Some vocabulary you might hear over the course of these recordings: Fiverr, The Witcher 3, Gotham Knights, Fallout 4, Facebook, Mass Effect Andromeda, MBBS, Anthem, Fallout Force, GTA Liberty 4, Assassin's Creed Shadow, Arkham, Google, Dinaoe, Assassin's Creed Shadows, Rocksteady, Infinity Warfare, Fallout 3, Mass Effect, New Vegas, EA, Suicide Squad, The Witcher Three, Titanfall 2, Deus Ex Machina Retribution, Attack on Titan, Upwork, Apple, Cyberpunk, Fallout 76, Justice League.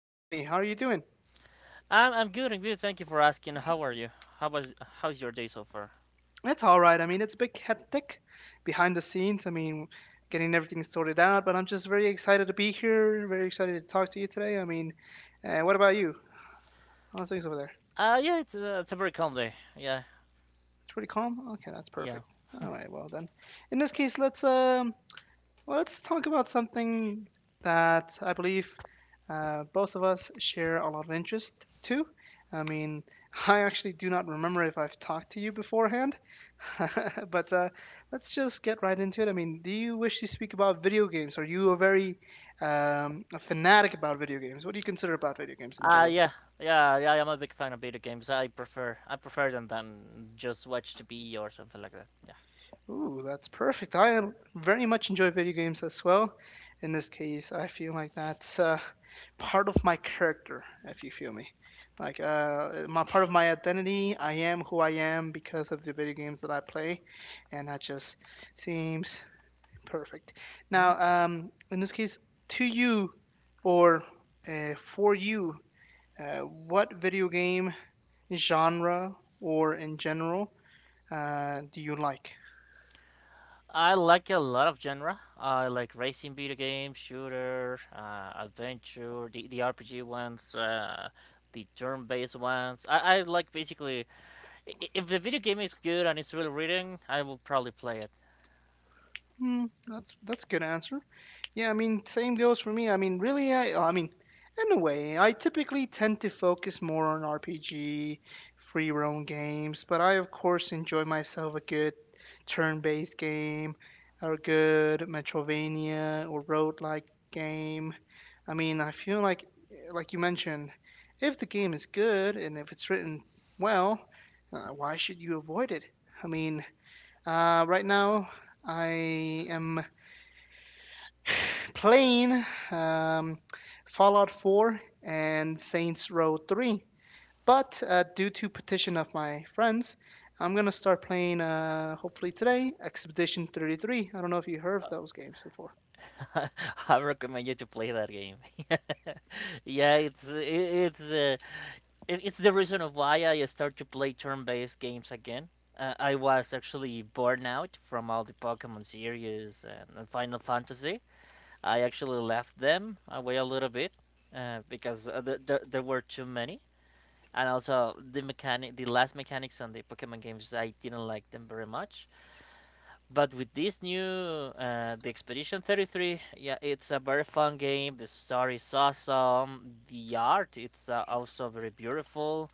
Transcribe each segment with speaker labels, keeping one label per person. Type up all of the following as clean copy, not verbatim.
Speaker 1: Anthony. How are you doing?
Speaker 2: I'm good. I good. Thank you for asking. How are you? How was how's your day so far?
Speaker 1: It's all right. I mean, it's a bit hectic behind the scenes. I mean, getting everything sorted out, but I'm just very excited to be here. Very excited to talk to you today. I mean, what about you? How's things over there?
Speaker 2: Yeah, it's a very calm day. Yeah,
Speaker 1: It's pretty calm. Okay, that's
Speaker 2: yeah.
Speaker 1: perfect. All right. Well then, in this case, let's talk about something that I believe both of us share a lot of interest to. I mean, I actually do not remember if I've talked to you beforehand, but let's just get right into it. I mean, do you wish to speak about video games? Are you a fanatic about video games? What do you consider about video games in
Speaker 2: Uh,
Speaker 1: general?
Speaker 2: yeah, yeah. I'm a big fan of video games. I prefer them than just watch TV or something like that. Yeah.
Speaker 1: Ooh, that's perfect. I very much enjoy video games as well. In this case, I feel like that's part of my character, if you feel me. Like my part of my identity. I am who I am because of the video games that I play, and that just seems perfect. Now,
Speaker 2: hmm
Speaker 1: in this case, to you or for you, what video game genre or in general do you like?
Speaker 2: I like a lot of genre. I like racing video games, shooter, adventure, the RPG ones, the turn-based ones. I like basically if the video game is good and it's really reading, I will probably play it.
Speaker 1: Hmm, that's a good answer. Yeah, I mean, same goes for me. I mean, really, I mean, in a way, I typically tend to focus more on RPG, free roam games, but I of course enjoy myself a good turn-based game or a good Metroidvania or roguelike game. I mean, I feel like you mentioned, if the game is good and if it's written well, why should you avoid it? I mean, right now I am playing um, Fallout 4 and Saints Row 3. But due to petition of my friends, I'm gonna start playing hopefully today Expedition 33. I don't know if you heard of those games before.
Speaker 2: I recommend you to play that game. Yeah, it's it's the reason of why I start to play turn-based games again. I was actually burned out from all the Pokemon series and Final Fantasy. I actually left them away a little bit because there were too many, and also the last mechanics on the Pokemon games, I didn't like them very much. But with this new the Expedition 33, yeah, it's a very fun game. The story is awesome. The art it's also very beautiful.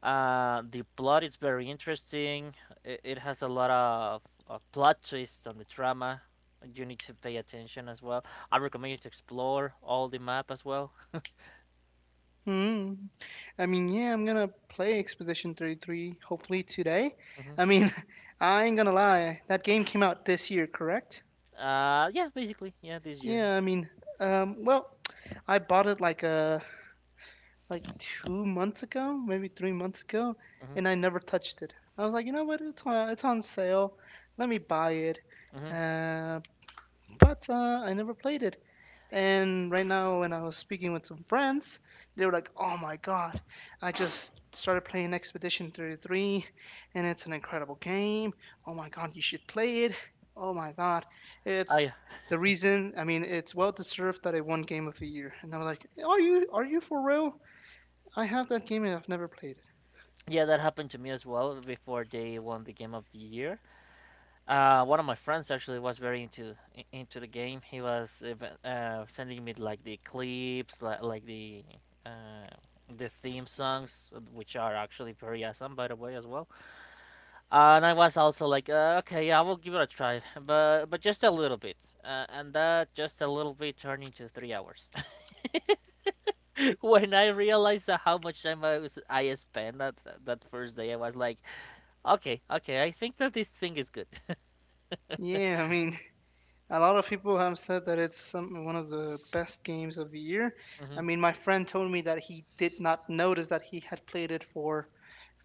Speaker 2: The plot is very interesting. It has a lot of plot twists on the drama. You need to pay attention as well. I recommend you to explore all the map as well.
Speaker 1: Hmm. I mean, yeah, I'm gonna play Expedition 33 hopefully today. I
Speaker 2: hmm
Speaker 1: mean, I ain't gonna lie, that game came out this year, correct?
Speaker 2: yeah, basically, yeah, this year.
Speaker 1: Yeah, I mean, well, I bought it like 2 months ago, maybe 3 months ago,
Speaker 2: Hmm
Speaker 1: and I never touched it. I was like, you know what? It's on sale. Let me buy it.
Speaker 2: hmm
Speaker 1: Uh, but I never played it. And right now, when I was speaking with some friends, they were like, oh my god, I just started playing Expedition 33, and it's an incredible game. Oh my god, you should play it. Oh my god, it's
Speaker 2: I
Speaker 1: the reason. I mean, it's well deserved that it won game of the year. And I'm like, are you for real? I have that game and I've never played it.
Speaker 2: yeah, that happened to me as well before they won the game of the year. One of my friends actually was very into the game. He was even, sending me like the clips, like uh, the theme songs, which are actually pretty awesome, by the way, as well. And I was also like, okay, yeah, I will give it a try, but just a little bit, and that just a little bit turned into 3 hours. When I realized how much time I spent that first day, I was like, okay, I think that this thing is good.
Speaker 1: Yeah, I mean, a lot of people have said that it's some one of the best games of the year.
Speaker 2: Mhm.
Speaker 1: I mean, my friend told me that he did not notice that he had played it for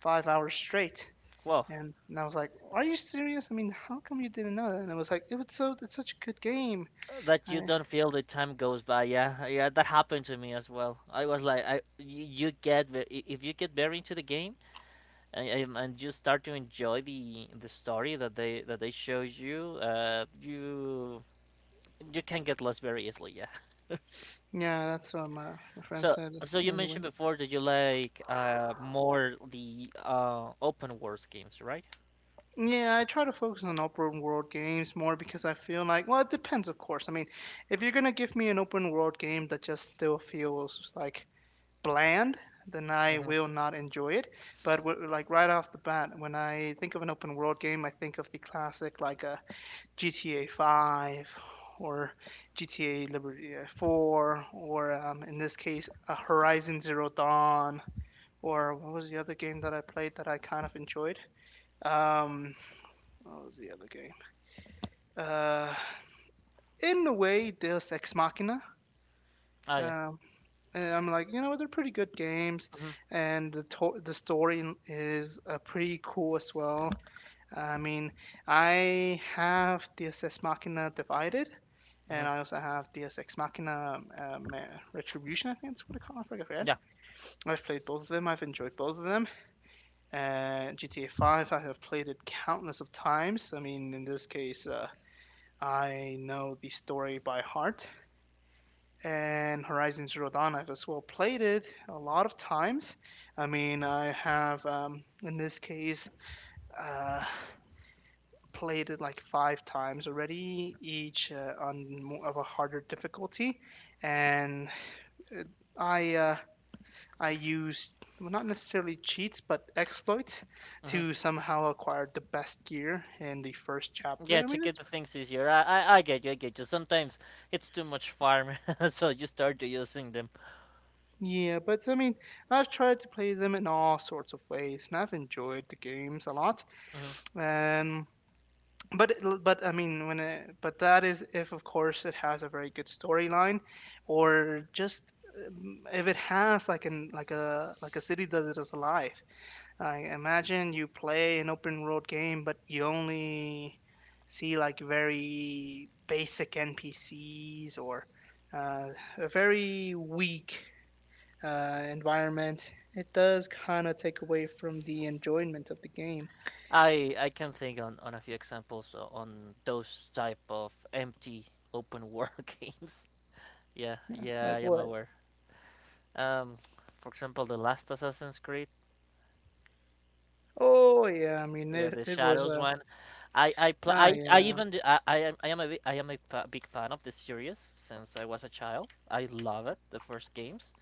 Speaker 1: 5 hours straight.
Speaker 2: Well,
Speaker 1: And I was like, "Are you serious? I mean, how come you didn't know that?" And I was like, "It was so "It's such a good game."
Speaker 2: that you
Speaker 1: I,
Speaker 2: don't feel the time goes by. Yeah, yeah, that happened to me as well. I was like I you you get if you get very into the game, and and you start to enjoy the story that they show you. You you can get lost very easily. Yeah.
Speaker 1: yeah, that's what my friend
Speaker 2: So
Speaker 1: said
Speaker 2: so you
Speaker 1: anyway.
Speaker 2: mentioned before that you like more the open world games, right?
Speaker 1: Yeah, I try to focus on open world games more because I feel like, well, it depends, of course. I mean, if you're gonna give me an open world game that just still feels like bland, then I
Speaker 2: Mhm.
Speaker 1: will not enjoy it. But like right off the bat, when I think of an open world game, I think of the classic like a GTA 5 or GTA Liberty 4 or in this case, a Horizon Zero Dawn or what was the other game that I played that I kind of enjoyed? Um, what was the other game? Uh, in a way, Deus Ex Machina.
Speaker 2: Oh yeah.
Speaker 1: Um, and I'm like, you know, they're pretty good games,
Speaker 2: hmm
Speaker 1: and the story is pretty cool as well. I mean, I have Deus Ex Machina Divided,
Speaker 2: hmm
Speaker 1: and I also have Deus Ex Machina Retribution. I think that's what it's called. I forget.
Speaker 2: yeah.
Speaker 1: I've played both of them. I've enjoyed both of them. GTA 5, I have played it countless of times. I mean, in this case, I know the story by heart. And Horizon Zero Dawn, I've as well played it a lot of times. I mean, I have in this case uh, played it like five times already, each on more of a harder difficulty, and uh, I. Uh, I used, well, not necessarily cheats, but exploits
Speaker 2: hmm
Speaker 1: to somehow acquire the best gear in the first chapter.
Speaker 2: Yeah, to get the things easier. I get you, I get you. Sometimes it's too much farm, so you start to using them.
Speaker 1: Yeah, but I mean, I've tried to play them in all sorts of ways, and I've enjoyed the games a lot.
Speaker 2: hmm
Speaker 1: Um, but but I mean, but that is if of course it has a very good storyline, or just if it has like a city does it as alive. Like imagine you play an open world game, but you only see like very basic NPCs or uh, a very weak environment. It does kind of take away from the enjoyment of the game.
Speaker 2: I can think on a few examples on those type of empty open world games. Yeah,
Speaker 1: Yeah,
Speaker 2: yeah, I
Speaker 1: like
Speaker 2: am
Speaker 1: what?
Speaker 2: aware. Um, for example, the last Assassin's Creed,
Speaker 1: Oh yeah, I mean
Speaker 2: yeah,
Speaker 1: it.
Speaker 2: the
Speaker 1: It was
Speaker 2: Shadows
Speaker 1: a
Speaker 2: one. I pl-
Speaker 1: Ah,
Speaker 2: I
Speaker 1: yeah,
Speaker 2: even do, I am a bi- I am a fa- big fan of the series since I was a child. I love it, the first games.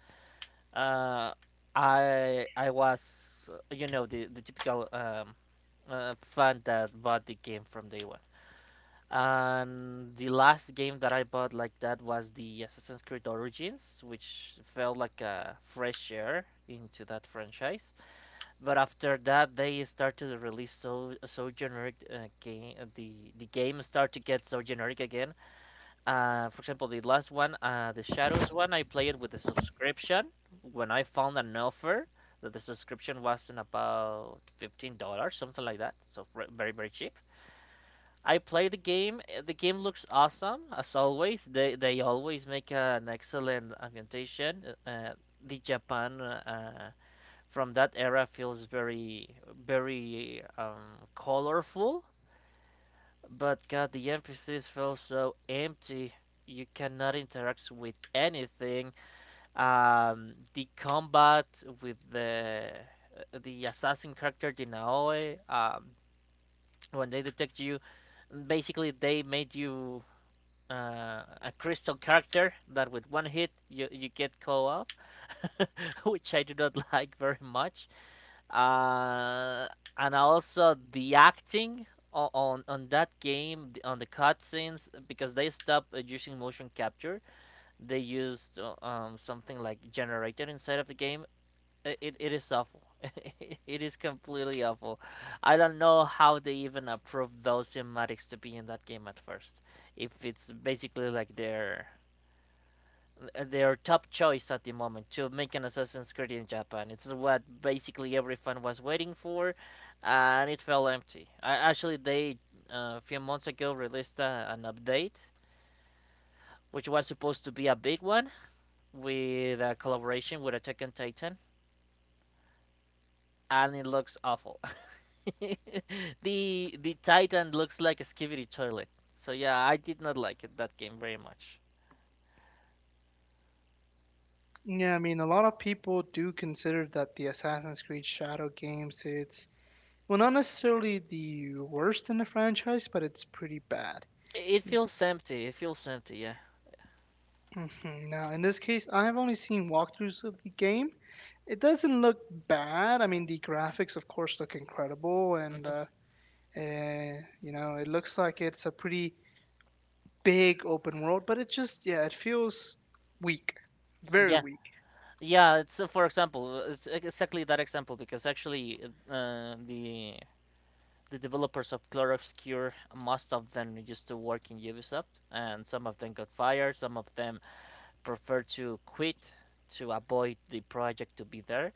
Speaker 2: Uh, I was you know, the typical fan that bought the game from day one. And the last game that I bought like that was the Assassin's Creed Origins, which felt like a fresh air into that franchise. But after that, they started to release so so generic game. The game started to get so generic again, for example, the last one, the Shadows one, I played with the subscription. When I found an offer that the subscription was in about $15, something like that, so very very cheap. I played the game. The game looks awesome as always. They always make an excellent ambientation. The Japan from that era feels very very colorful, but god, the NPCs feel so empty. You cannot interact with anything. The combat with the assassin character Dinaoe, when they detect you, basically they made you a crystal character that with one hit you get co-op, which I do not like very much, uh, and also the acting on that game on the cutscenes because they stopped using motion capture. They used something like generated inside of the game. It is awful. It is completely awful. I don't know how they even approved those cinematics to be in that game at first, if it's basically like their top choice at the moment to make an Assassin's Creed in Japan. It's what basically every fan was waiting for, and it fell empty. Actually, they a few months ago released an update, which was supposed to be a big one, with a collaboration with Attack on Titan, and it looks awful. The Titan looks like a skivvy toilet. So yeah, I did not like it that game very much.
Speaker 1: yeah. I mean a lot of people do consider that the Assassin's Creed Shadow games, it's, well, not necessarily the worst in the franchise, but it's pretty bad.
Speaker 2: It feels empty. It feels empty. Yeah.
Speaker 1: Mhm. Now in this case, I have only seen walkthroughs of the game. It doesn't look bad. I mean the graphics, of course, look incredible, and
Speaker 2: Mhm.
Speaker 1: you know it looks like it's a pretty big open world. But it just yeah, it feels weak, very
Speaker 2: Yeah,
Speaker 1: weak.
Speaker 2: yeah, it's for example, it's exactly that example because actually uh, the the developers of Clone Obscure, most of them used to work in Ubisoft, and some of them got fired, some of them prefer to quit to avoid the project to be there.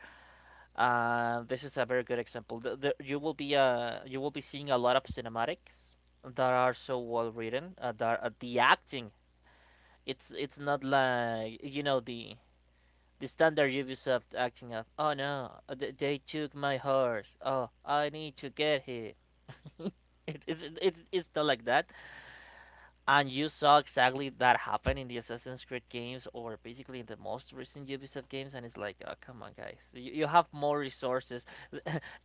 Speaker 2: This is a very good example. You will be you will be seeing a lot of cinematics that are so well written. The acting, it's not like, you know, the standard Ubisoft acting of, oh no, they took my horse. Oh, I need to get it. It's not like that. And you saw exactly that happen in the Assassin's Creed games or basically in the most recent Ubisoft games. And it's like, oh, come on, guys. You have more resources.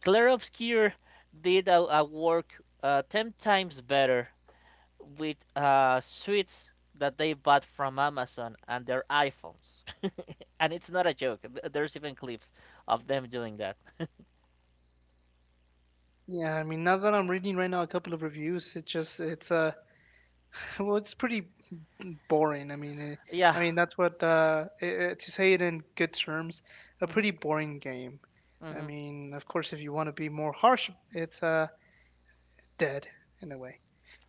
Speaker 2: Claire Obscure did a work 10 times better with suites that they bought from Amazon and their iPhones, and it's not a joke. There's even clips of them doing that.
Speaker 1: Yeah, I mean, now that I'm reading right now a couple of reviews, it's well, it's pretty boring. I mean,
Speaker 2: Yeah.
Speaker 1: I mean that's what, to say it in good terms, a
Speaker 2: hmm
Speaker 1: pretty boring game. I
Speaker 2: hmm
Speaker 1: mean, of course, if you want to be more harsh, it's dead in a way.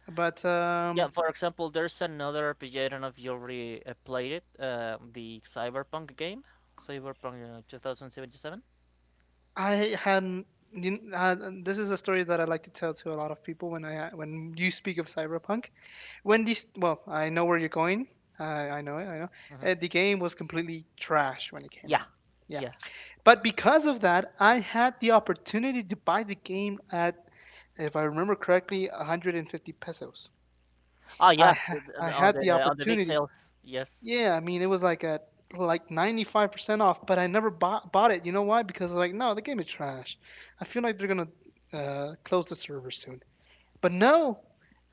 Speaker 1: But
Speaker 2: Yeah. For example, there's another RPG. I don't know if you already played it. The Cyberpunk game, Cyberpunk 2077.
Speaker 1: I hadn't. You, kn- uh, this is a story that I like to tell to a lot of people when I when you speak of cyberpunk. When this Well, I know where you're going. I know it. I know.
Speaker 2: hmm
Speaker 1: The game was completely trash when it came
Speaker 2: Yeah.
Speaker 1: out. Yeah,
Speaker 2: Yeah.
Speaker 1: but because of that I had the opportunity to buy the game at, if I remember correctly, 150 pesos.
Speaker 2: Oh,
Speaker 1: i
Speaker 2: yeah.
Speaker 1: ha- i had the
Speaker 2: On the big
Speaker 1: opportunity.
Speaker 2: sales. Yes.
Speaker 1: Yeah, I mean it was like at 95% off, but I never bought it. You know why? Because, like, no, the game is trash. I feel like they're gonna close the server soon. But no,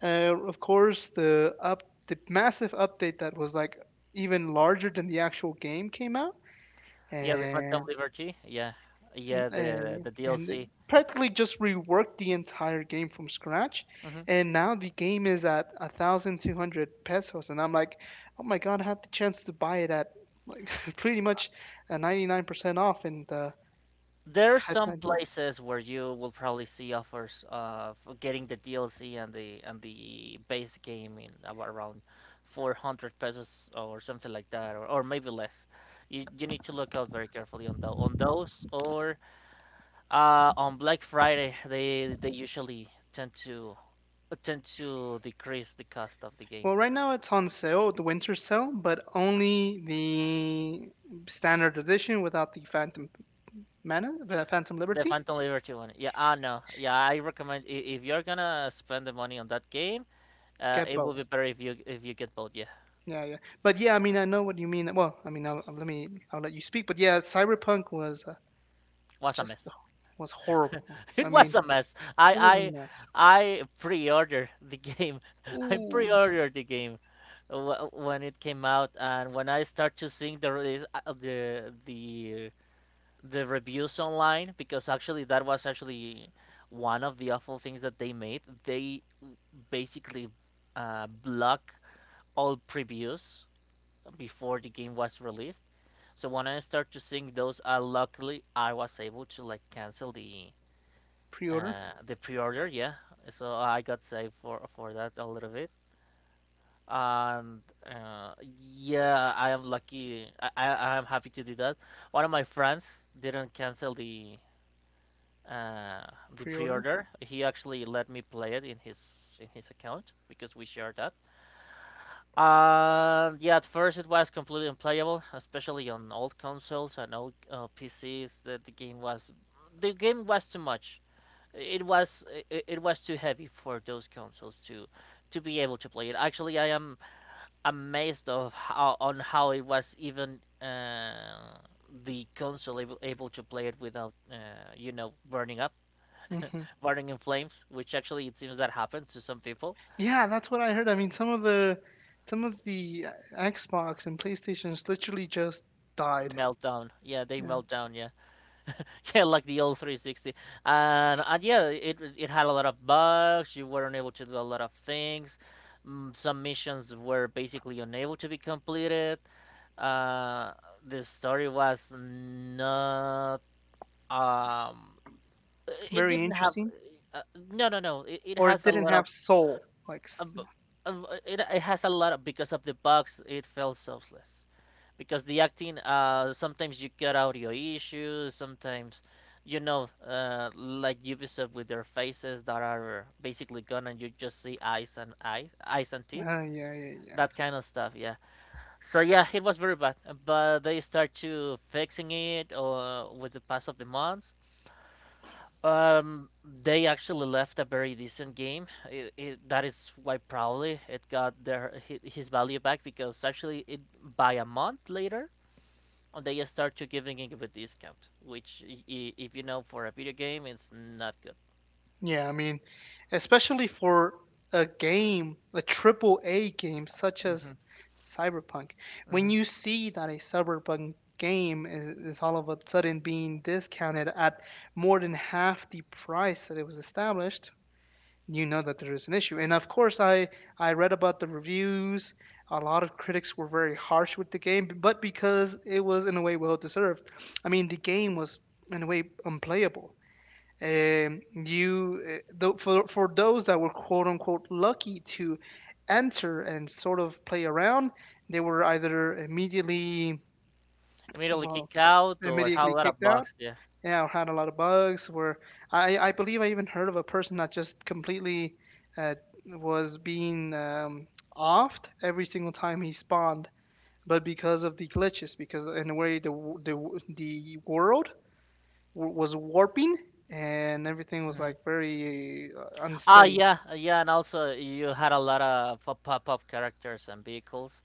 Speaker 1: of course, the massive update that was like even larger than the actual game came out,
Speaker 2: Yeah. The Phantom
Speaker 1: and
Speaker 2: Liberty. Yeah. Yeah. The
Speaker 1: uh,
Speaker 2: the
Speaker 1: and it
Speaker 2: DLC.
Speaker 1: practically just reworked the entire game from scratch. And now the game is at 1,200 pesos, and I'm like, oh my god, I had the chance to buy it at like pretty much a 99% off, and
Speaker 2: There are some places where you will probably see offers of getting the DLC and the base game in about around 400 pesos or something like that, or maybe less. You need to look out very carefully on the, on those, or on Black Friday they usually tend to tend to decrease the cost of the game.
Speaker 1: Well, right now it's on sale, the winter sale, but only the standard edition without the Phantom
Speaker 2: The
Speaker 1: Liberty.
Speaker 2: Phantom Liberty one, yeah, ah no, yeah, I recommend if you're gonna spend the money on that game,
Speaker 1: Get
Speaker 2: it will
Speaker 1: both.
Speaker 2: be better if you get both. Yeah.
Speaker 1: Yeah, yeah. But yeah, I mean, I know what you mean. Well, I mean, I'll let you speak. But yeah, Cyberpunk was
Speaker 2: Was a
Speaker 1: just
Speaker 2: mess.
Speaker 1: was horrible.
Speaker 2: It
Speaker 1: I
Speaker 2: was
Speaker 1: mean,
Speaker 2: a mess. I
Speaker 1: it was
Speaker 2: I
Speaker 1: a mess.
Speaker 2: I pre-ordered the game. I
Speaker 1: Ooh,
Speaker 2: pre-ordered the game when it came out, and when I start to seeing the release, the reviews online, because actually that was actually one of the awful things that they made. They basically block all previews before the game was released. So when I start to seeing those, luckily I was able to like cancel
Speaker 1: pre-order,
Speaker 2: the pre-order. Yeah, so I got saved for that a little bit, and yeah, I am lucky. I am happy to do that. One of my friends didn't cancel uh the
Speaker 1: pre-order.
Speaker 2: pre-order. He actually let me play it in his account because we share that. And yeah, at first it was completely unplayable, especially on old consoles and old PCs. That the game was The game was too much. it was it, it was too heavy for those consoles to be able to play it. Actually, I am amazed of how it was even the console able, able to play it without you know, burning up,
Speaker 1: Hmm.
Speaker 2: burning in flames. Which actually it seems that happens to some people.
Speaker 1: Yeah, that's what I heard. I mean, some of the Xbox and PlayStations literally just died.
Speaker 2: Meltdown, yeah, they
Speaker 1: Yeah,
Speaker 2: melt down, yeah, yeah, like the old 360, and yeah, it had a lot of bugs. You weren't able to do a lot of things. Mm, some missions were basically unable to be completed. uh the story was not um it
Speaker 1: very
Speaker 2: didn't have
Speaker 1: interesting.
Speaker 2: uh, no. It
Speaker 1: Or it
Speaker 2: has a
Speaker 1: didn't
Speaker 2: lot of
Speaker 1: have soul. Like,
Speaker 2: uh, b- it has a lot of, because of the bugs, it felt selfless because the acting, sometimes you get audio issues sometimes like Ubisoft with their faces that are basically gone and you just see eyes and eyes and teeth,
Speaker 1: yeah, yeah, yeah.
Speaker 2: that kind of stuff, yeah. So yeah, it was very bad, but they start to fixing it, with the pass of the months. They actually left a very decent game. That is why probably it got their his value back, because actually it, by a month later, they start to giving it a discount, which if you know, for a video game it's not good.
Speaker 1: Yeah, I mean, especially for a game, a triple A game such as
Speaker 2: Hmm.
Speaker 1: Cyberpunk, when
Speaker 2: Hmm.
Speaker 1: you see that a Cyberpunk game is all of a sudden being discounted at more than half the price that it was established, you know that there is an issue. And of course, I read about the reviews. A lot of critics were very harsh with the game, but because it was in a way well deserved. I mean, the game was in a way unplayable. Um, you eh, for those that were quote unquote lucky to enter and sort of play around, they were either
Speaker 2: Immediately
Speaker 1: well
Speaker 2: kick out or how a
Speaker 1: immediately
Speaker 2: lot of
Speaker 1: kicked out,
Speaker 2: bucks, yeah.
Speaker 1: yeah, or had a lot of bugs. Where I believe I even heard of a person that just completely uh, was being offed every single time he spawned, but because of the glitches, because in a way the world was warping and everything was like very
Speaker 2: Ah,
Speaker 1: unsteady.
Speaker 2: yeah, yeah, and also you had a lot of pop-up characters and vehicles,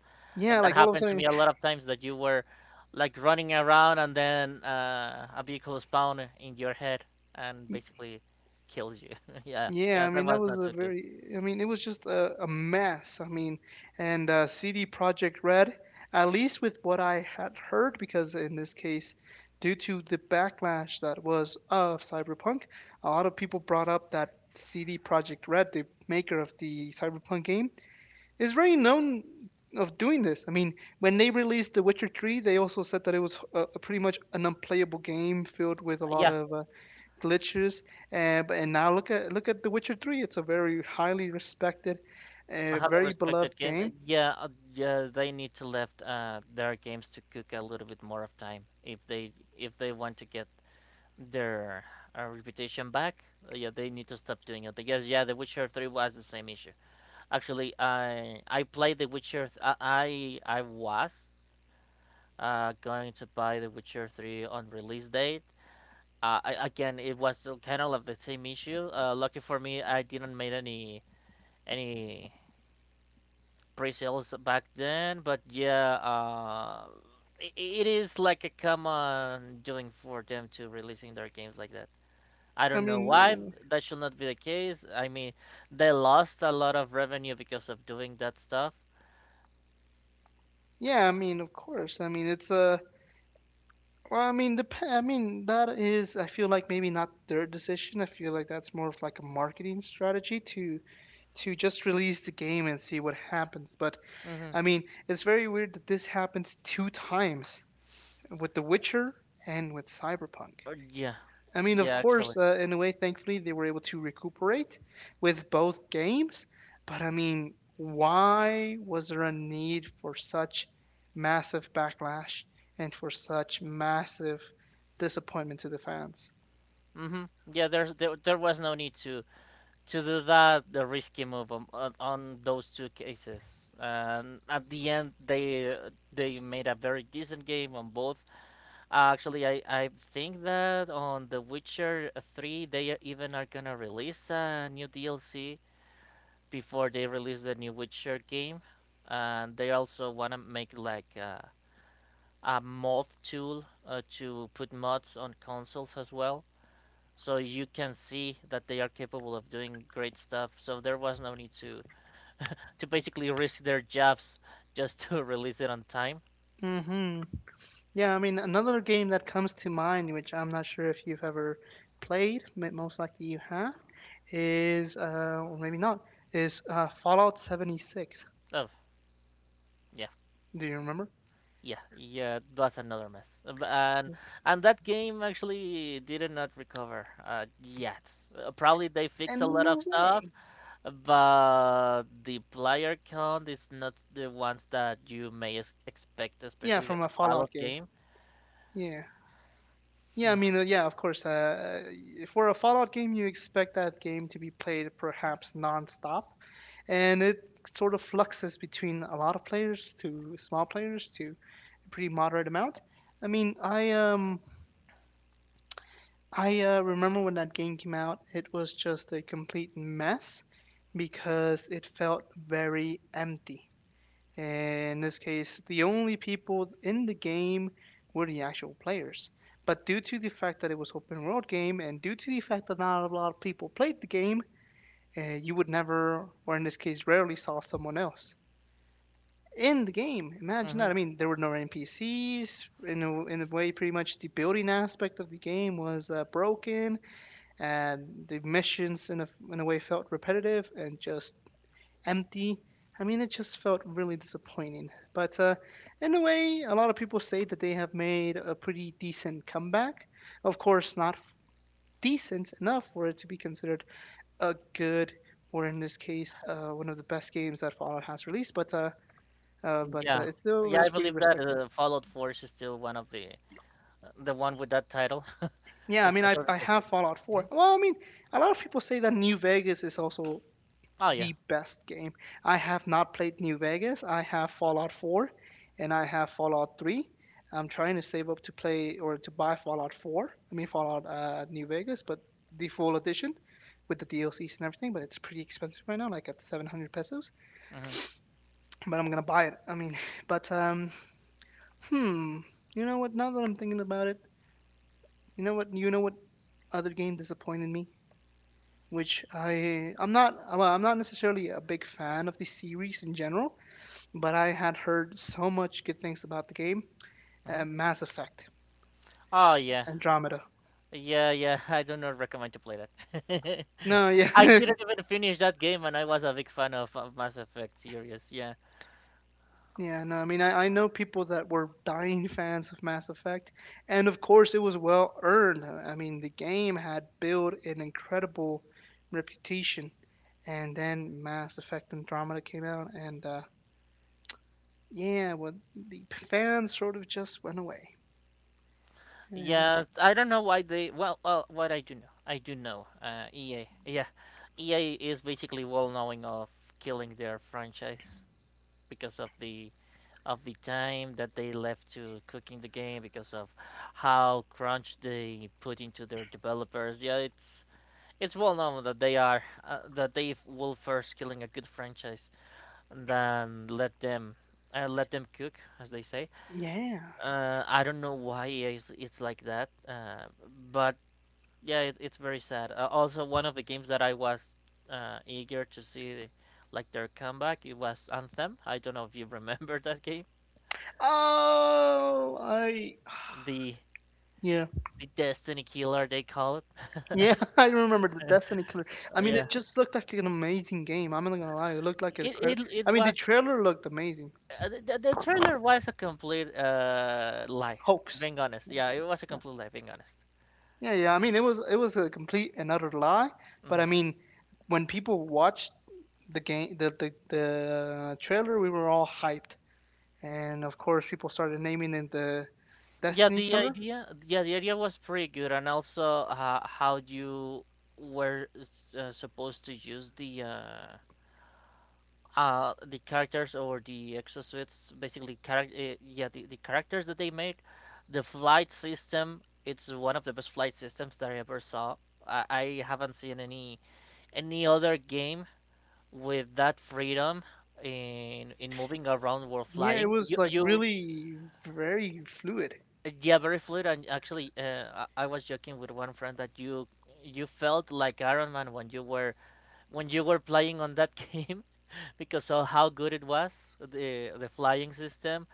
Speaker 2: and
Speaker 1: Yeah,
Speaker 2: that
Speaker 1: like all of a
Speaker 2: happened to me
Speaker 1: sudden.
Speaker 2: a lot of times that you were like running around and then, a vehicle spawned in your head and basically kills you. Yeah,
Speaker 1: Yeah,
Speaker 2: yeah,
Speaker 1: I
Speaker 2: that
Speaker 1: mean that
Speaker 2: was
Speaker 1: was
Speaker 2: not
Speaker 1: a
Speaker 2: too good.
Speaker 1: very it was just a mess. I mean, and CD Project Red, at least with what I had heard, because in this case, due to the backlash that was of Cyberpunk, a lot of people brought up that CD Project Red, the maker of the Cyberpunk game, is very known of doing this. I mean, when they released The Witcher 3, they also said that it was pretty much an unplayable game filled with a lot
Speaker 2: Yeah,
Speaker 1: of glitches. And now look at The Witcher Three. It's a very highly respected,
Speaker 2: I have a
Speaker 1: very
Speaker 2: respected
Speaker 1: beloved
Speaker 2: game.
Speaker 1: game.
Speaker 2: Yeah, yeah, they need to left, their games to cook a little bit more of time if they want to get their, reputation back. Yeah, they need to stop doing it because yeah, The Witcher Three was the same issue. Actually, I played The Witcher. I was going to buy The Witcher Three on release date. I, again, it was still kind of like the same issue. Lucky for me, I didn't make any pre-sales back then. But yeah, it it is like a common doing for them to releasing their games like that. I
Speaker 1: I
Speaker 2: don't know why
Speaker 1: mean, uh,
Speaker 2: that should not be the case. I mean, they lost a lot of revenue because of doing that stuff.
Speaker 1: yeah, I mean, of course. I mean, it's a I mean, the. I mean, that is. I feel like maybe not their decision. I feel like that's more of like a marketing strategy to just release the game and see what happens. But
Speaker 2: Mm-hmm.
Speaker 1: I mean, it's very weird that this happens two times with The Witcher and with Cyberpunk.
Speaker 2: Yeah,
Speaker 1: I mean, of
Speaker 2: yeah, actually.
Speaker 1: course, in a way, thankfully, they were able to recuperate with both games. But I mean, why was there a need for such massive backlash and for such massive disappointment to the fans?
Speaker 2: Mm-hmm. Yeah, there was no need to do that the risky move on those two cases. And at the end, they, they made a very decent game on both. Actually, I think that on The Witcher Three, they even are gonna release a new DLC before they release the new Witcher game, and they also want to make like, a mod tool, to put mods on consoles as well. So you can see that they are capable of doing great stuff. So there was no need to basically risk their jobs just to release it on time.
Speaker 1: hmm Yeah, I mean, another game that comes to mind, which I'm not sure if you've ever played, most likely you have, is, or maybe not, is Fallout 76.
Speaker 2: Oh yeah,
Speaker 1: Do you remember?
Speaker 2: yeah, yeah. That's another mess. And that game actually did not recover, yet. Probably they fixed a
Speaker 1: And
Speaker 2: lot of
Speaker 1: no way.
Speaker 2: stuff, but the player count is not the ones that you may expect,
Speaker 1: Yeah,
Speaker 2: especially on
Speaker 1: from a
Speaker 2: a
Speaker 1: Fallout
Speaker 2: Fallout
Speaker 1: game.
Speaker 2: game.
Speaker 1: Yeah. Yeah, I mean,
Speaker 2: Hmm.
Speaker 1: yeah, of course. For a Fallout game, you expect that game to be played perhaps non-stop, and it sort of fluxes between a lot of players to small players to a pretty moderate amount. I mean, I remember when that game came out, it was just a complete mess because it felt very empty. In this case, the only people in the game were the actual players. But due to the fact that it was open world game, and due to the fact that not a lot of people played the game, you would never, or in this case, rarely saw someone else in the game. Imagine that. I
Speaker 2: Hmm.
Speaker 1: mean, there were no NPCs. In a way, pretty much the building aspect of the game was broken, and the missions in a way felt repetitive and just empty. I mean, it just felt really disappointing. But in a way, a lot of people say that they have made a pretty decent comeback. Of course, not f- decent enough for it to be considered a good, or in this case, one of the best games that Fallout has released. But
Speaker 2: Yeah,
Speaker 1: it still
Speaker 2: yeah, I
Speaker 1: is pretty
Speaker 2: believe that,
Speaker 1: respectable.
Speaker 2: Fallout Force is still one of the one with that title,
Speaker 1: Yeah, I mean, I,
Speaker 2: especially
Speaker 1: I
Speaker 2: because.
Speaker 1: have Fallout 4.
Speaker 2: Mhm.
Speaker 1: A lot of people say that New Vegas is also
Speaker 2: Oh yeah.
Speaker 1: the best game. I have not played New Vegas. I have Fallout 4 and I have Fallout 3. I'm trying to save up to play or to buy Fallout 4. I mean Fallout New Vegas, but the full edition with the DLCs and everything, but it's pretty expensive right now, like at 700 pesos.
Speaker 2: Hmm.
Speaker 1: But I'm gonna buy it. But hmm. You know what? Now that I'm thinking about it, You know what other game disappointed me, which I'm not necessarily a big fan of the series in general, but I had heard so much good things about the game.
Speaker 2: Hmm.
Speaker 1: Mass Effect,
Speaker 2: Oh yeah,
Speaker 1: Andromeda.
Speaker 2: yeah, yeah. I do not recommend to play that.
Speaker 1: No, yeah,
Speaker 2: I didn't even finish that game, and I was a big fan of, Mass Effect series. Yeah.
Speaker 1: yeah, no. I mean, I know people that were dying fans of Mass Effect, and of course, it was well earned. I mean, the game had built an incredible reputation, and then Mass Effect Andromeda came out, and yeah, well, the fans sort of just went away. Uh,
Speaker 2: Yeah, I don't know why they. Well, well, what I do know, I do know. EA, yeah, EA is basically well knowing of killing their franchise because of the time that they left to cooking the game because of how crunch they put into their developers. Yeah, it's well known that they are, will first killing a good franchise and then let them, let them cook, as they say.
Speaker 1: yeah.
Speaker 2: I don't know why it's like that, but yeah, it's very sad. Also, one of the games that I was, eager to see, like their comeback, it was Anthem. I don't know if you remember that game,
Speaker 1: Oh, I
Speaker 2: the
Speaker 1: yeah.
Speaker 2: the Destiny killer they call it.
Speaker 1: Yeah, I remember the Destiny killer. I mean,
Speaker 2: Yeah,
Speaker 1: it just looked like an amazing game. I'm not gonna lie, it looked like a credit.
Speaker 2: it
Speaker 1: I mean, the
Speaker 2: was,
Speaker 1: trailer looked amazing.
Speaker 2: the trailer was a complete lie.
Speaker 1: Hoax.
Speaker 2: Being honest,
Speaker 1: Yeah,
Speaker 2: yeah, it was a
Speaker 1: yeah,
Speaker 2: complete lie. Being honest.
Speaker 1: yeah, I mean, it was a complete and utter lie. But
Speaker 2: Hmm.
Speaker 1: I mean, when people watched the game, the trailer, we were all hyped, and of course, people started naming it the
Speaker 2: Yeah,
Speaker 1: Destiny
Speaker 2: the
Speaker 1: killer.
Speaker 2: idea, yeah, the idea was pretty good, and also, how you were, supposed to use the, the characters or the exosuits basically character, yeah the characters that they made, the flight system. It's one of the best flight systems that I ever saw. I haven't seen any other game with that freedom in moving around while
Speaker 1: Yeah, it
Speaker 2: flying.
Speaker 1: was
Speaker 2: you
Speaker 1: like
Speaker 2: you
Speaker 1: really very fluid.
Speaker 2: Yeah, very fluid. And actually, I was joking with one friend that you felt like Iron Man when you were playing on that game, because of how good it was the flying system.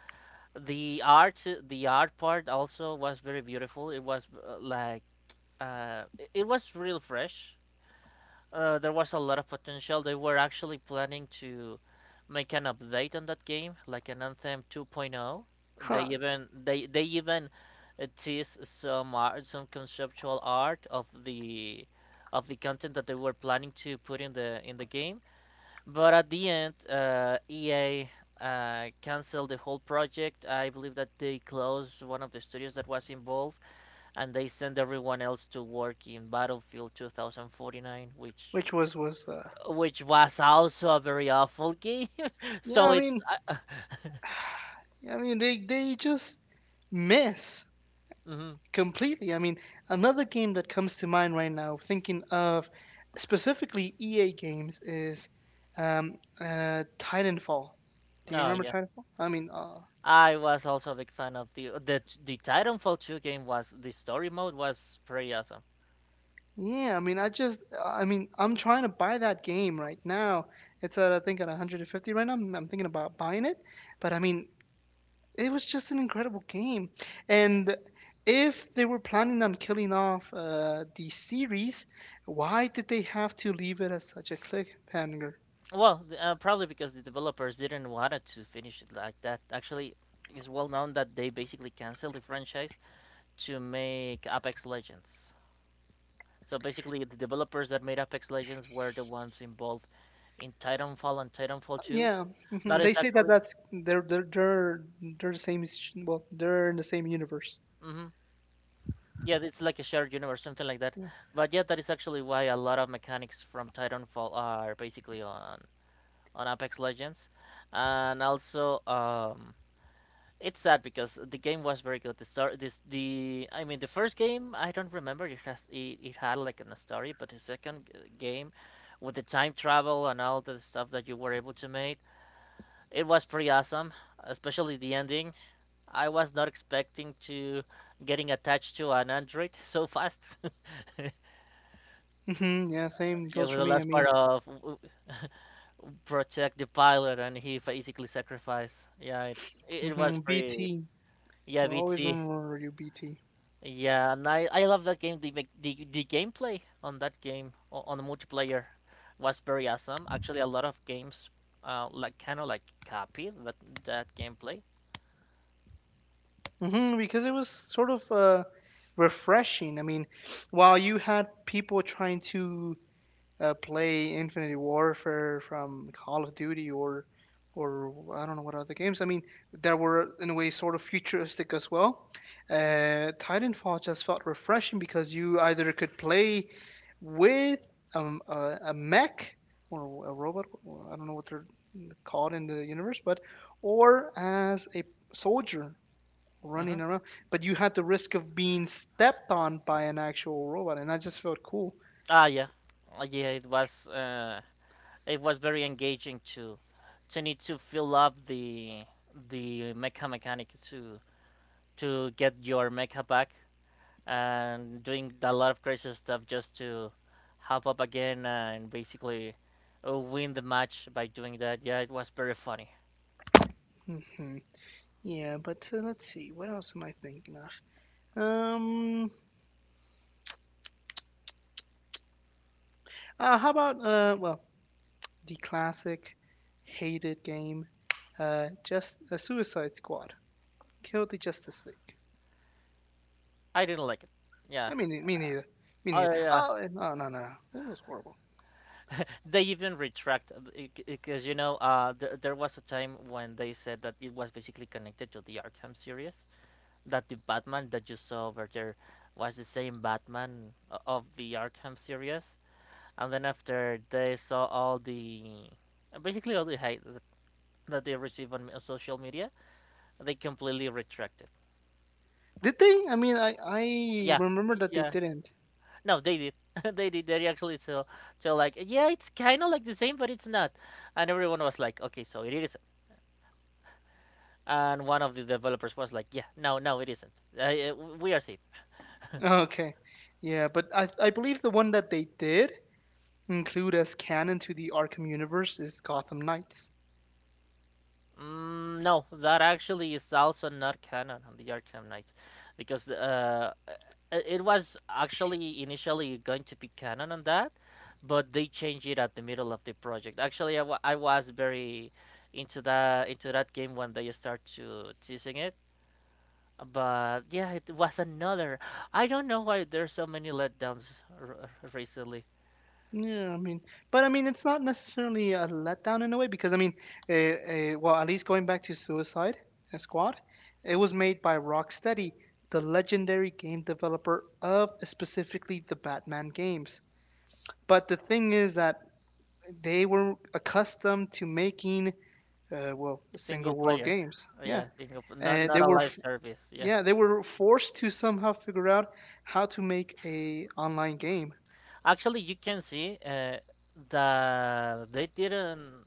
Speaker 2: The art, the art part also was very beautiful. It was, like it it was real fresh. There was a lot of potential. They were actually planning to make an update on that game, like an Anthem 2.0. they
Speaker 1: Huh?
Speaker 2: even they they even, teased some art, some conceptual art of the content that they were planning to put in the game. But at the end, EA, canceled the whole project. I believe that they closed one of the studios that was involved, and they sent everyone else to work in Battlefield 2049,
Speaker 1: Which was
Speaker 2: which was also a very awful game.
Speaker 1: yeah.
Speaker 2: So
Speaker 1: I
Speaker 2: it's,
Speaker 1: mean.
Speaker 2: uh,
Speaker 1: I mean, they just miss
Speaker 2: mhm.
Speaker 1: completely. I mean, another game that comes to mind right now, thinking of specifically EA games, is Titanfall. Do you
Speaker 2: Oh
Speaker 1: remember
Speaker 2: yeah.
Speaker 1: Titanfall?
Speaker 2: I was also a big fan of the Titanfall 2 game. Was the story mode was pretty awesome.
Speaker 1: Yeah. I mean, I mean, I'm trying to buy that game right now. It's at I think at 150 right now. I'm thinking about buying it, but I mean, it was just an incredible game. And if they were planning on killing off the series, why did they have to leave it as such a cliffhanger?
Speaker 2: Well, probably because the developers didn't want it to finish it like that. Actually, it's well known that they basically canceled the franchise to make Apex Legends. So basically, the developers that made Apex Legends were the ones involved in Titanfall and Titanfall 2.
Speaker 1: Yeah,
Speaker 2: That
Speaker 1: mhm, they
Speaker 2: is
Speaker 1: say that
Speaker 2: actually,
Speaker 1: that's they're the same. They're in the same universe.
Speaker 2: hmm, yeah, it's like a shared universe, something like that.
Speaker 1: Yeah.
Speaker 2: But yeah, that is actually why a lot of mechanics from Titanfall are basically on Apex Legends, and also it's sad because the game was very good. The start, this, the, I mean, the first game, I don't remember. It has, it had like a story. But the second, game, with the time travel and all the stuff that you were able to make, it was pretty awesome. Especially the ending. I was not expecting to getting attached to an android so fast.
Speaker 1: Yeah, same
Speaker 2: Yeah,
Speaker 1: goes
Speaker 2: with
Speaker 1: for
Speaker 2: the
Speaker 1: me. I
Speaker 2: last part
Speaker 1: mean,
Speaker 2: of, protect the pilot, and he basically sacrificed. Yeah, it was
Speaker 1: hmm,
Speaker 2: pretty.
Speaker 1: BT.
Speaker 2: Yeah,
Speaker 1: I'll always
Speaker 2: VT.
Speaker 1: remember you, BT.
Speaker 2: Yeah, and I love that game. The, mech- the gameplay on that game on the multiplayer was very awesome. Actually, a lot of games, like kind of like copy that that gameplay.
Speaker 1: Because it was sort of refreshing. I mean, while you had people trying to play Infinity Warfare from Call of Duty or I don't know what other games. I mean, that were in a way sort of futuristic as well. Titanfall just felt refreshing because you either could play with a mech or a robot. I don't know what they're called in the universe, but or as a soldier
Speaker 2: Hmm.
Speaker 1: running around. But you had the risk of being stepped on by an actual robot, and that just felt cool.
Speaker 2: Ah, yeah. Yeah. It was very engaging to need to fill up the mecha mechanic to get your mecha back, and doing a lot of crazy stuff just to hop up again and basically, win the match by doing that. Yeah, it was very funny.
Speaker 1: Mm-hmm. Yeah, but let's see. What else am I thinking of? Um, how about the classic hated game, just a Suicide Squad killed the Justice League.
Speaker 2: I didn't like it. Yeah.
Speaker 1: I mean, me neither. Me
Speaker 2: I,
Speaker 1: neither. Oh no, no, no. It was horrible.
Speaker 2: they even retract, because, there, there was a time when they said that it was basically connected to the Arkham series, that the Batman that you saw over there was the same Batman of the Arkham series. And then after they saw all the basically all the hate that they receive on, social media, they completely retract it.
Speaker 1: Did they? I mean, I
Speaker 2: Yeah,
Speaker 1: remember that they
Speaker 2: yeah.
Speaker 1: didn't.
Speaker 2: No, they did. They did. They actually so so like yeah, it's kind of like the same, but it's not. And everyone was like, okay, so it isn't. And one of the developers was like, yeah, no, no, it isn't. Uh, uh, we are safe.
Speaker 1: Okay, yeah, but I believe the one that they did include as canon to the Arkham universe is Gotham Knights.
Speaker 2: Mm, no, that actually is also not canon on the Arkham Knights, because, it was actually initially going to be canon on that, but they changed it at the middle of the project. Actually, I was very into that game when they start to teasing it, but yeah, it was another. I don't know why there's so many letdowns recently.
Speaker 1: Yeah, I mean, but I mean, it's not necessarily a letdown in a way because I mean, uh, at least going back to Squad, it was made by Rocksteady, the legendary game developer of specifically the Batman games. But the thing is that they were accustomed to making, single
Speaker 2: Single
Speaker 1: world
Speaker 2: player,
Speaker 1: games. Yeah,
Speaker 2: yeah, not
Speaker 1: uh,
Speaker 2: not
Speaker 1: they
Speaker 2: a
Speaker 1: were,
Speaker 2: live
Speaker 1: f-
Speaker 2: service, yeah.
Speaker 1: yeah, they were forced to somehow figure out how to make a online game.
Speaker 2: Actually, you can see, the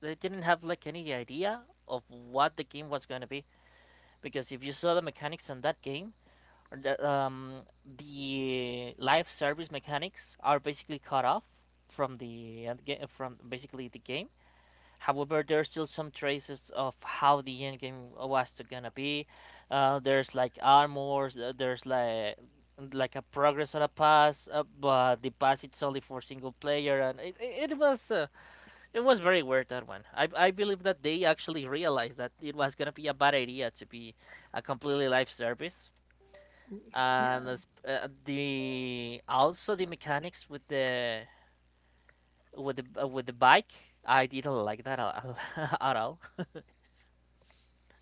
Speaker 2: they didn't have like any idea of what the game was gonna be, because if you saw the mechanics on that game, the live service mechanics are basically cut off from the from basically the game. However, there's still some traces of how the end game was gonna be. There's like armors, there's like a progress on a pass, but the pass it's only for single player, and it was very weird that one. I believe that they actually realized that it was gonna be a bad idea to be a completely live service. And,
Speaker 1: Yeah.
Speaker 2: the also the mechanics with the with the, with the bike, I didn't like that at all.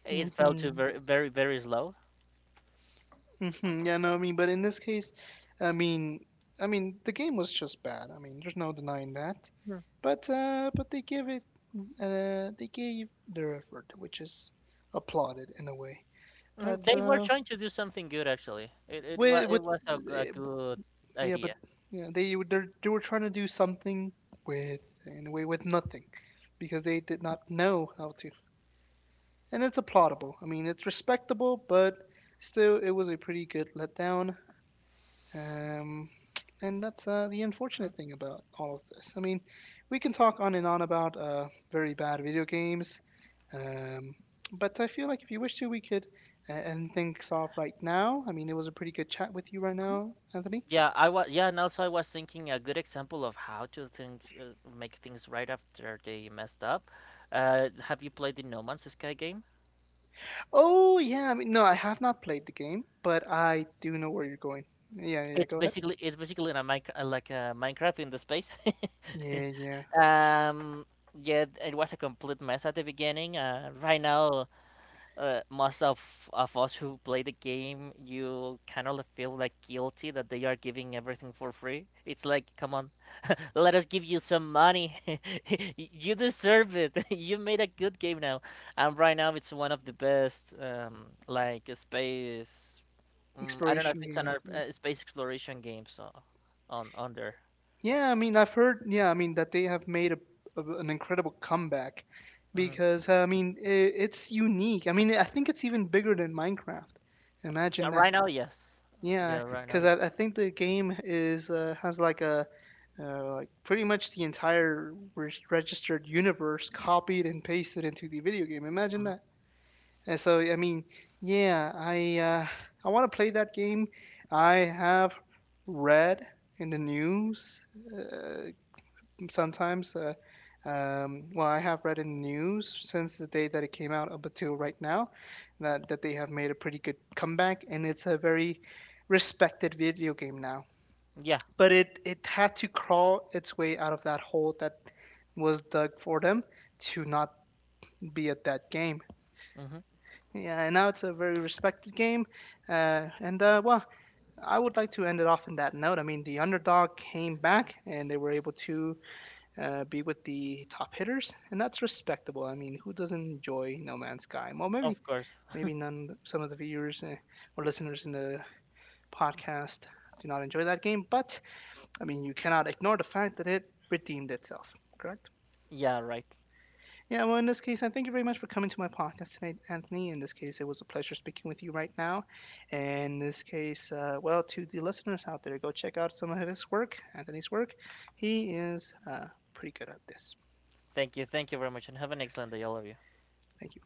Speaker 2: It fell to
Speaker 1: hmm
Speaker 2: very, very, very slow.
Speaker 1: Mhm, yeah, no, I mean, but in this case, I mean, I mean, the game was just bad. I mean, there's no denying that.
Speaker 2: Mhm.
Speaker 1: But they give it, they gave their effort, which is applauded in a way. But
Speaker 2: Mhm, they were trying to do something good. Actually, it it was
Speaker 1: with
Speaker 2: it was a, a
Speaker 1: eh, b-
Speaker 2: good
Speaker 1: yeah, but
Speaker 2: idea.
Speaker 1: yeah, they were trying to do something with in a way with nothing, because they did not know how to. And it's applaudable. I mean, it's respectable, but still, it was a pretty good letdown. Um, and that's the
Speaker 2: Mhm.
Speaker 1: unfortunate thing about all of this. I mean, we can talk on and on about very bad video games, um, but I feel like if you wish to, we could end things off right now. I mean, it was a pretty good chat with you right now, Anthony.
Speaker 2: Yeah, I was. Yeah, and also I was thinking a good example of how to things, make things right after they messed up. Have you played the No Man's Sky game?
Speaker 1: Oh, yeah. I mean, no, I have not played the game, but I do know where you're going. Yeah, yeah, yeah,
Speaker 2: It's
Speaker 1: go ahead.
Speaker 2: basically, like a Minecraft in the space.
Speaker 1: Yeah, yeah.
Speaker 2: um, yeah, it was a complete mess at the beginning. Right now, most of us who play the game, you kind of feel like guilty that they are giving everything for free. It's like, come on, let us give you some money. You deserve it. You made a good game now, and right now it's one of the best. Like a space. I don't know if
Speaker 1: Exploration
Speaker 2: it's an
Speaker 1: games. Yeah.
Speaker 2: Space exploration game. So, on there.
Speaker 1: Yeah, I mean, I've heard, yeah, I mean, that they have made an incredible comeback
Speaker 2: Hmm.
Speaker 1: because, I mean, it, it's unique. I mean, I think it's even bigger than Minecraft.
Speaker 2: Yeah,
Speaker 1: Imagine that.
Speaker 2: right now, yes.
Speaker 1: Yeah,
Speaker 2: Yeah, right now
Speaker 1: because
Speaker 2: it's.
Speaker 1: I think the game is has like a like pretty much the entire registered universe copied and pasted into the video game. Imagine
Speaker 2: Mhm.
Speaker 1: that. And so, I mean, yeah, I want to play that game. I have read in the news uh, sometimes. I have read in the news since the day that it came out up until right now that, that they have made a pretty good comeback, and it's a very respected video game now.
Speaker 2: Yeah.
Speaker 1: But it had to crawl its way out of that hole that was dug for them to not be at that game.
Speaker 2: Hmm.
Speaker 1: Yeah, and now it's a very respected game. Uh, and uh, well, I would like to end it off in that note. I mean, the underdog came back and they were able to be with the top hitters, and that's respectable. I mean, who doesn't enjoy No Man's Sky? Well,
Speaker 2: Of course.
Speaker 1: maybe none some of the viewers or listeners in the podcast do not enjoy that game, but I mean, you cannot ignore the fact that it redeemed itself. Correct?
Speaker 2: Yeah, right.
Speaker 1: Yeah. Well, in this case, I thank you very much for coming to my podcast tonight, Anthony. In this case, it was a pleasure speaking with you right now. And in this case, to the listeners out there, go check out some of his work, Anthony's work. He is pretty good at this.
Speaker 2: Thank you very much, and have an excellent day, all of you.
Speaker 1: Thank you.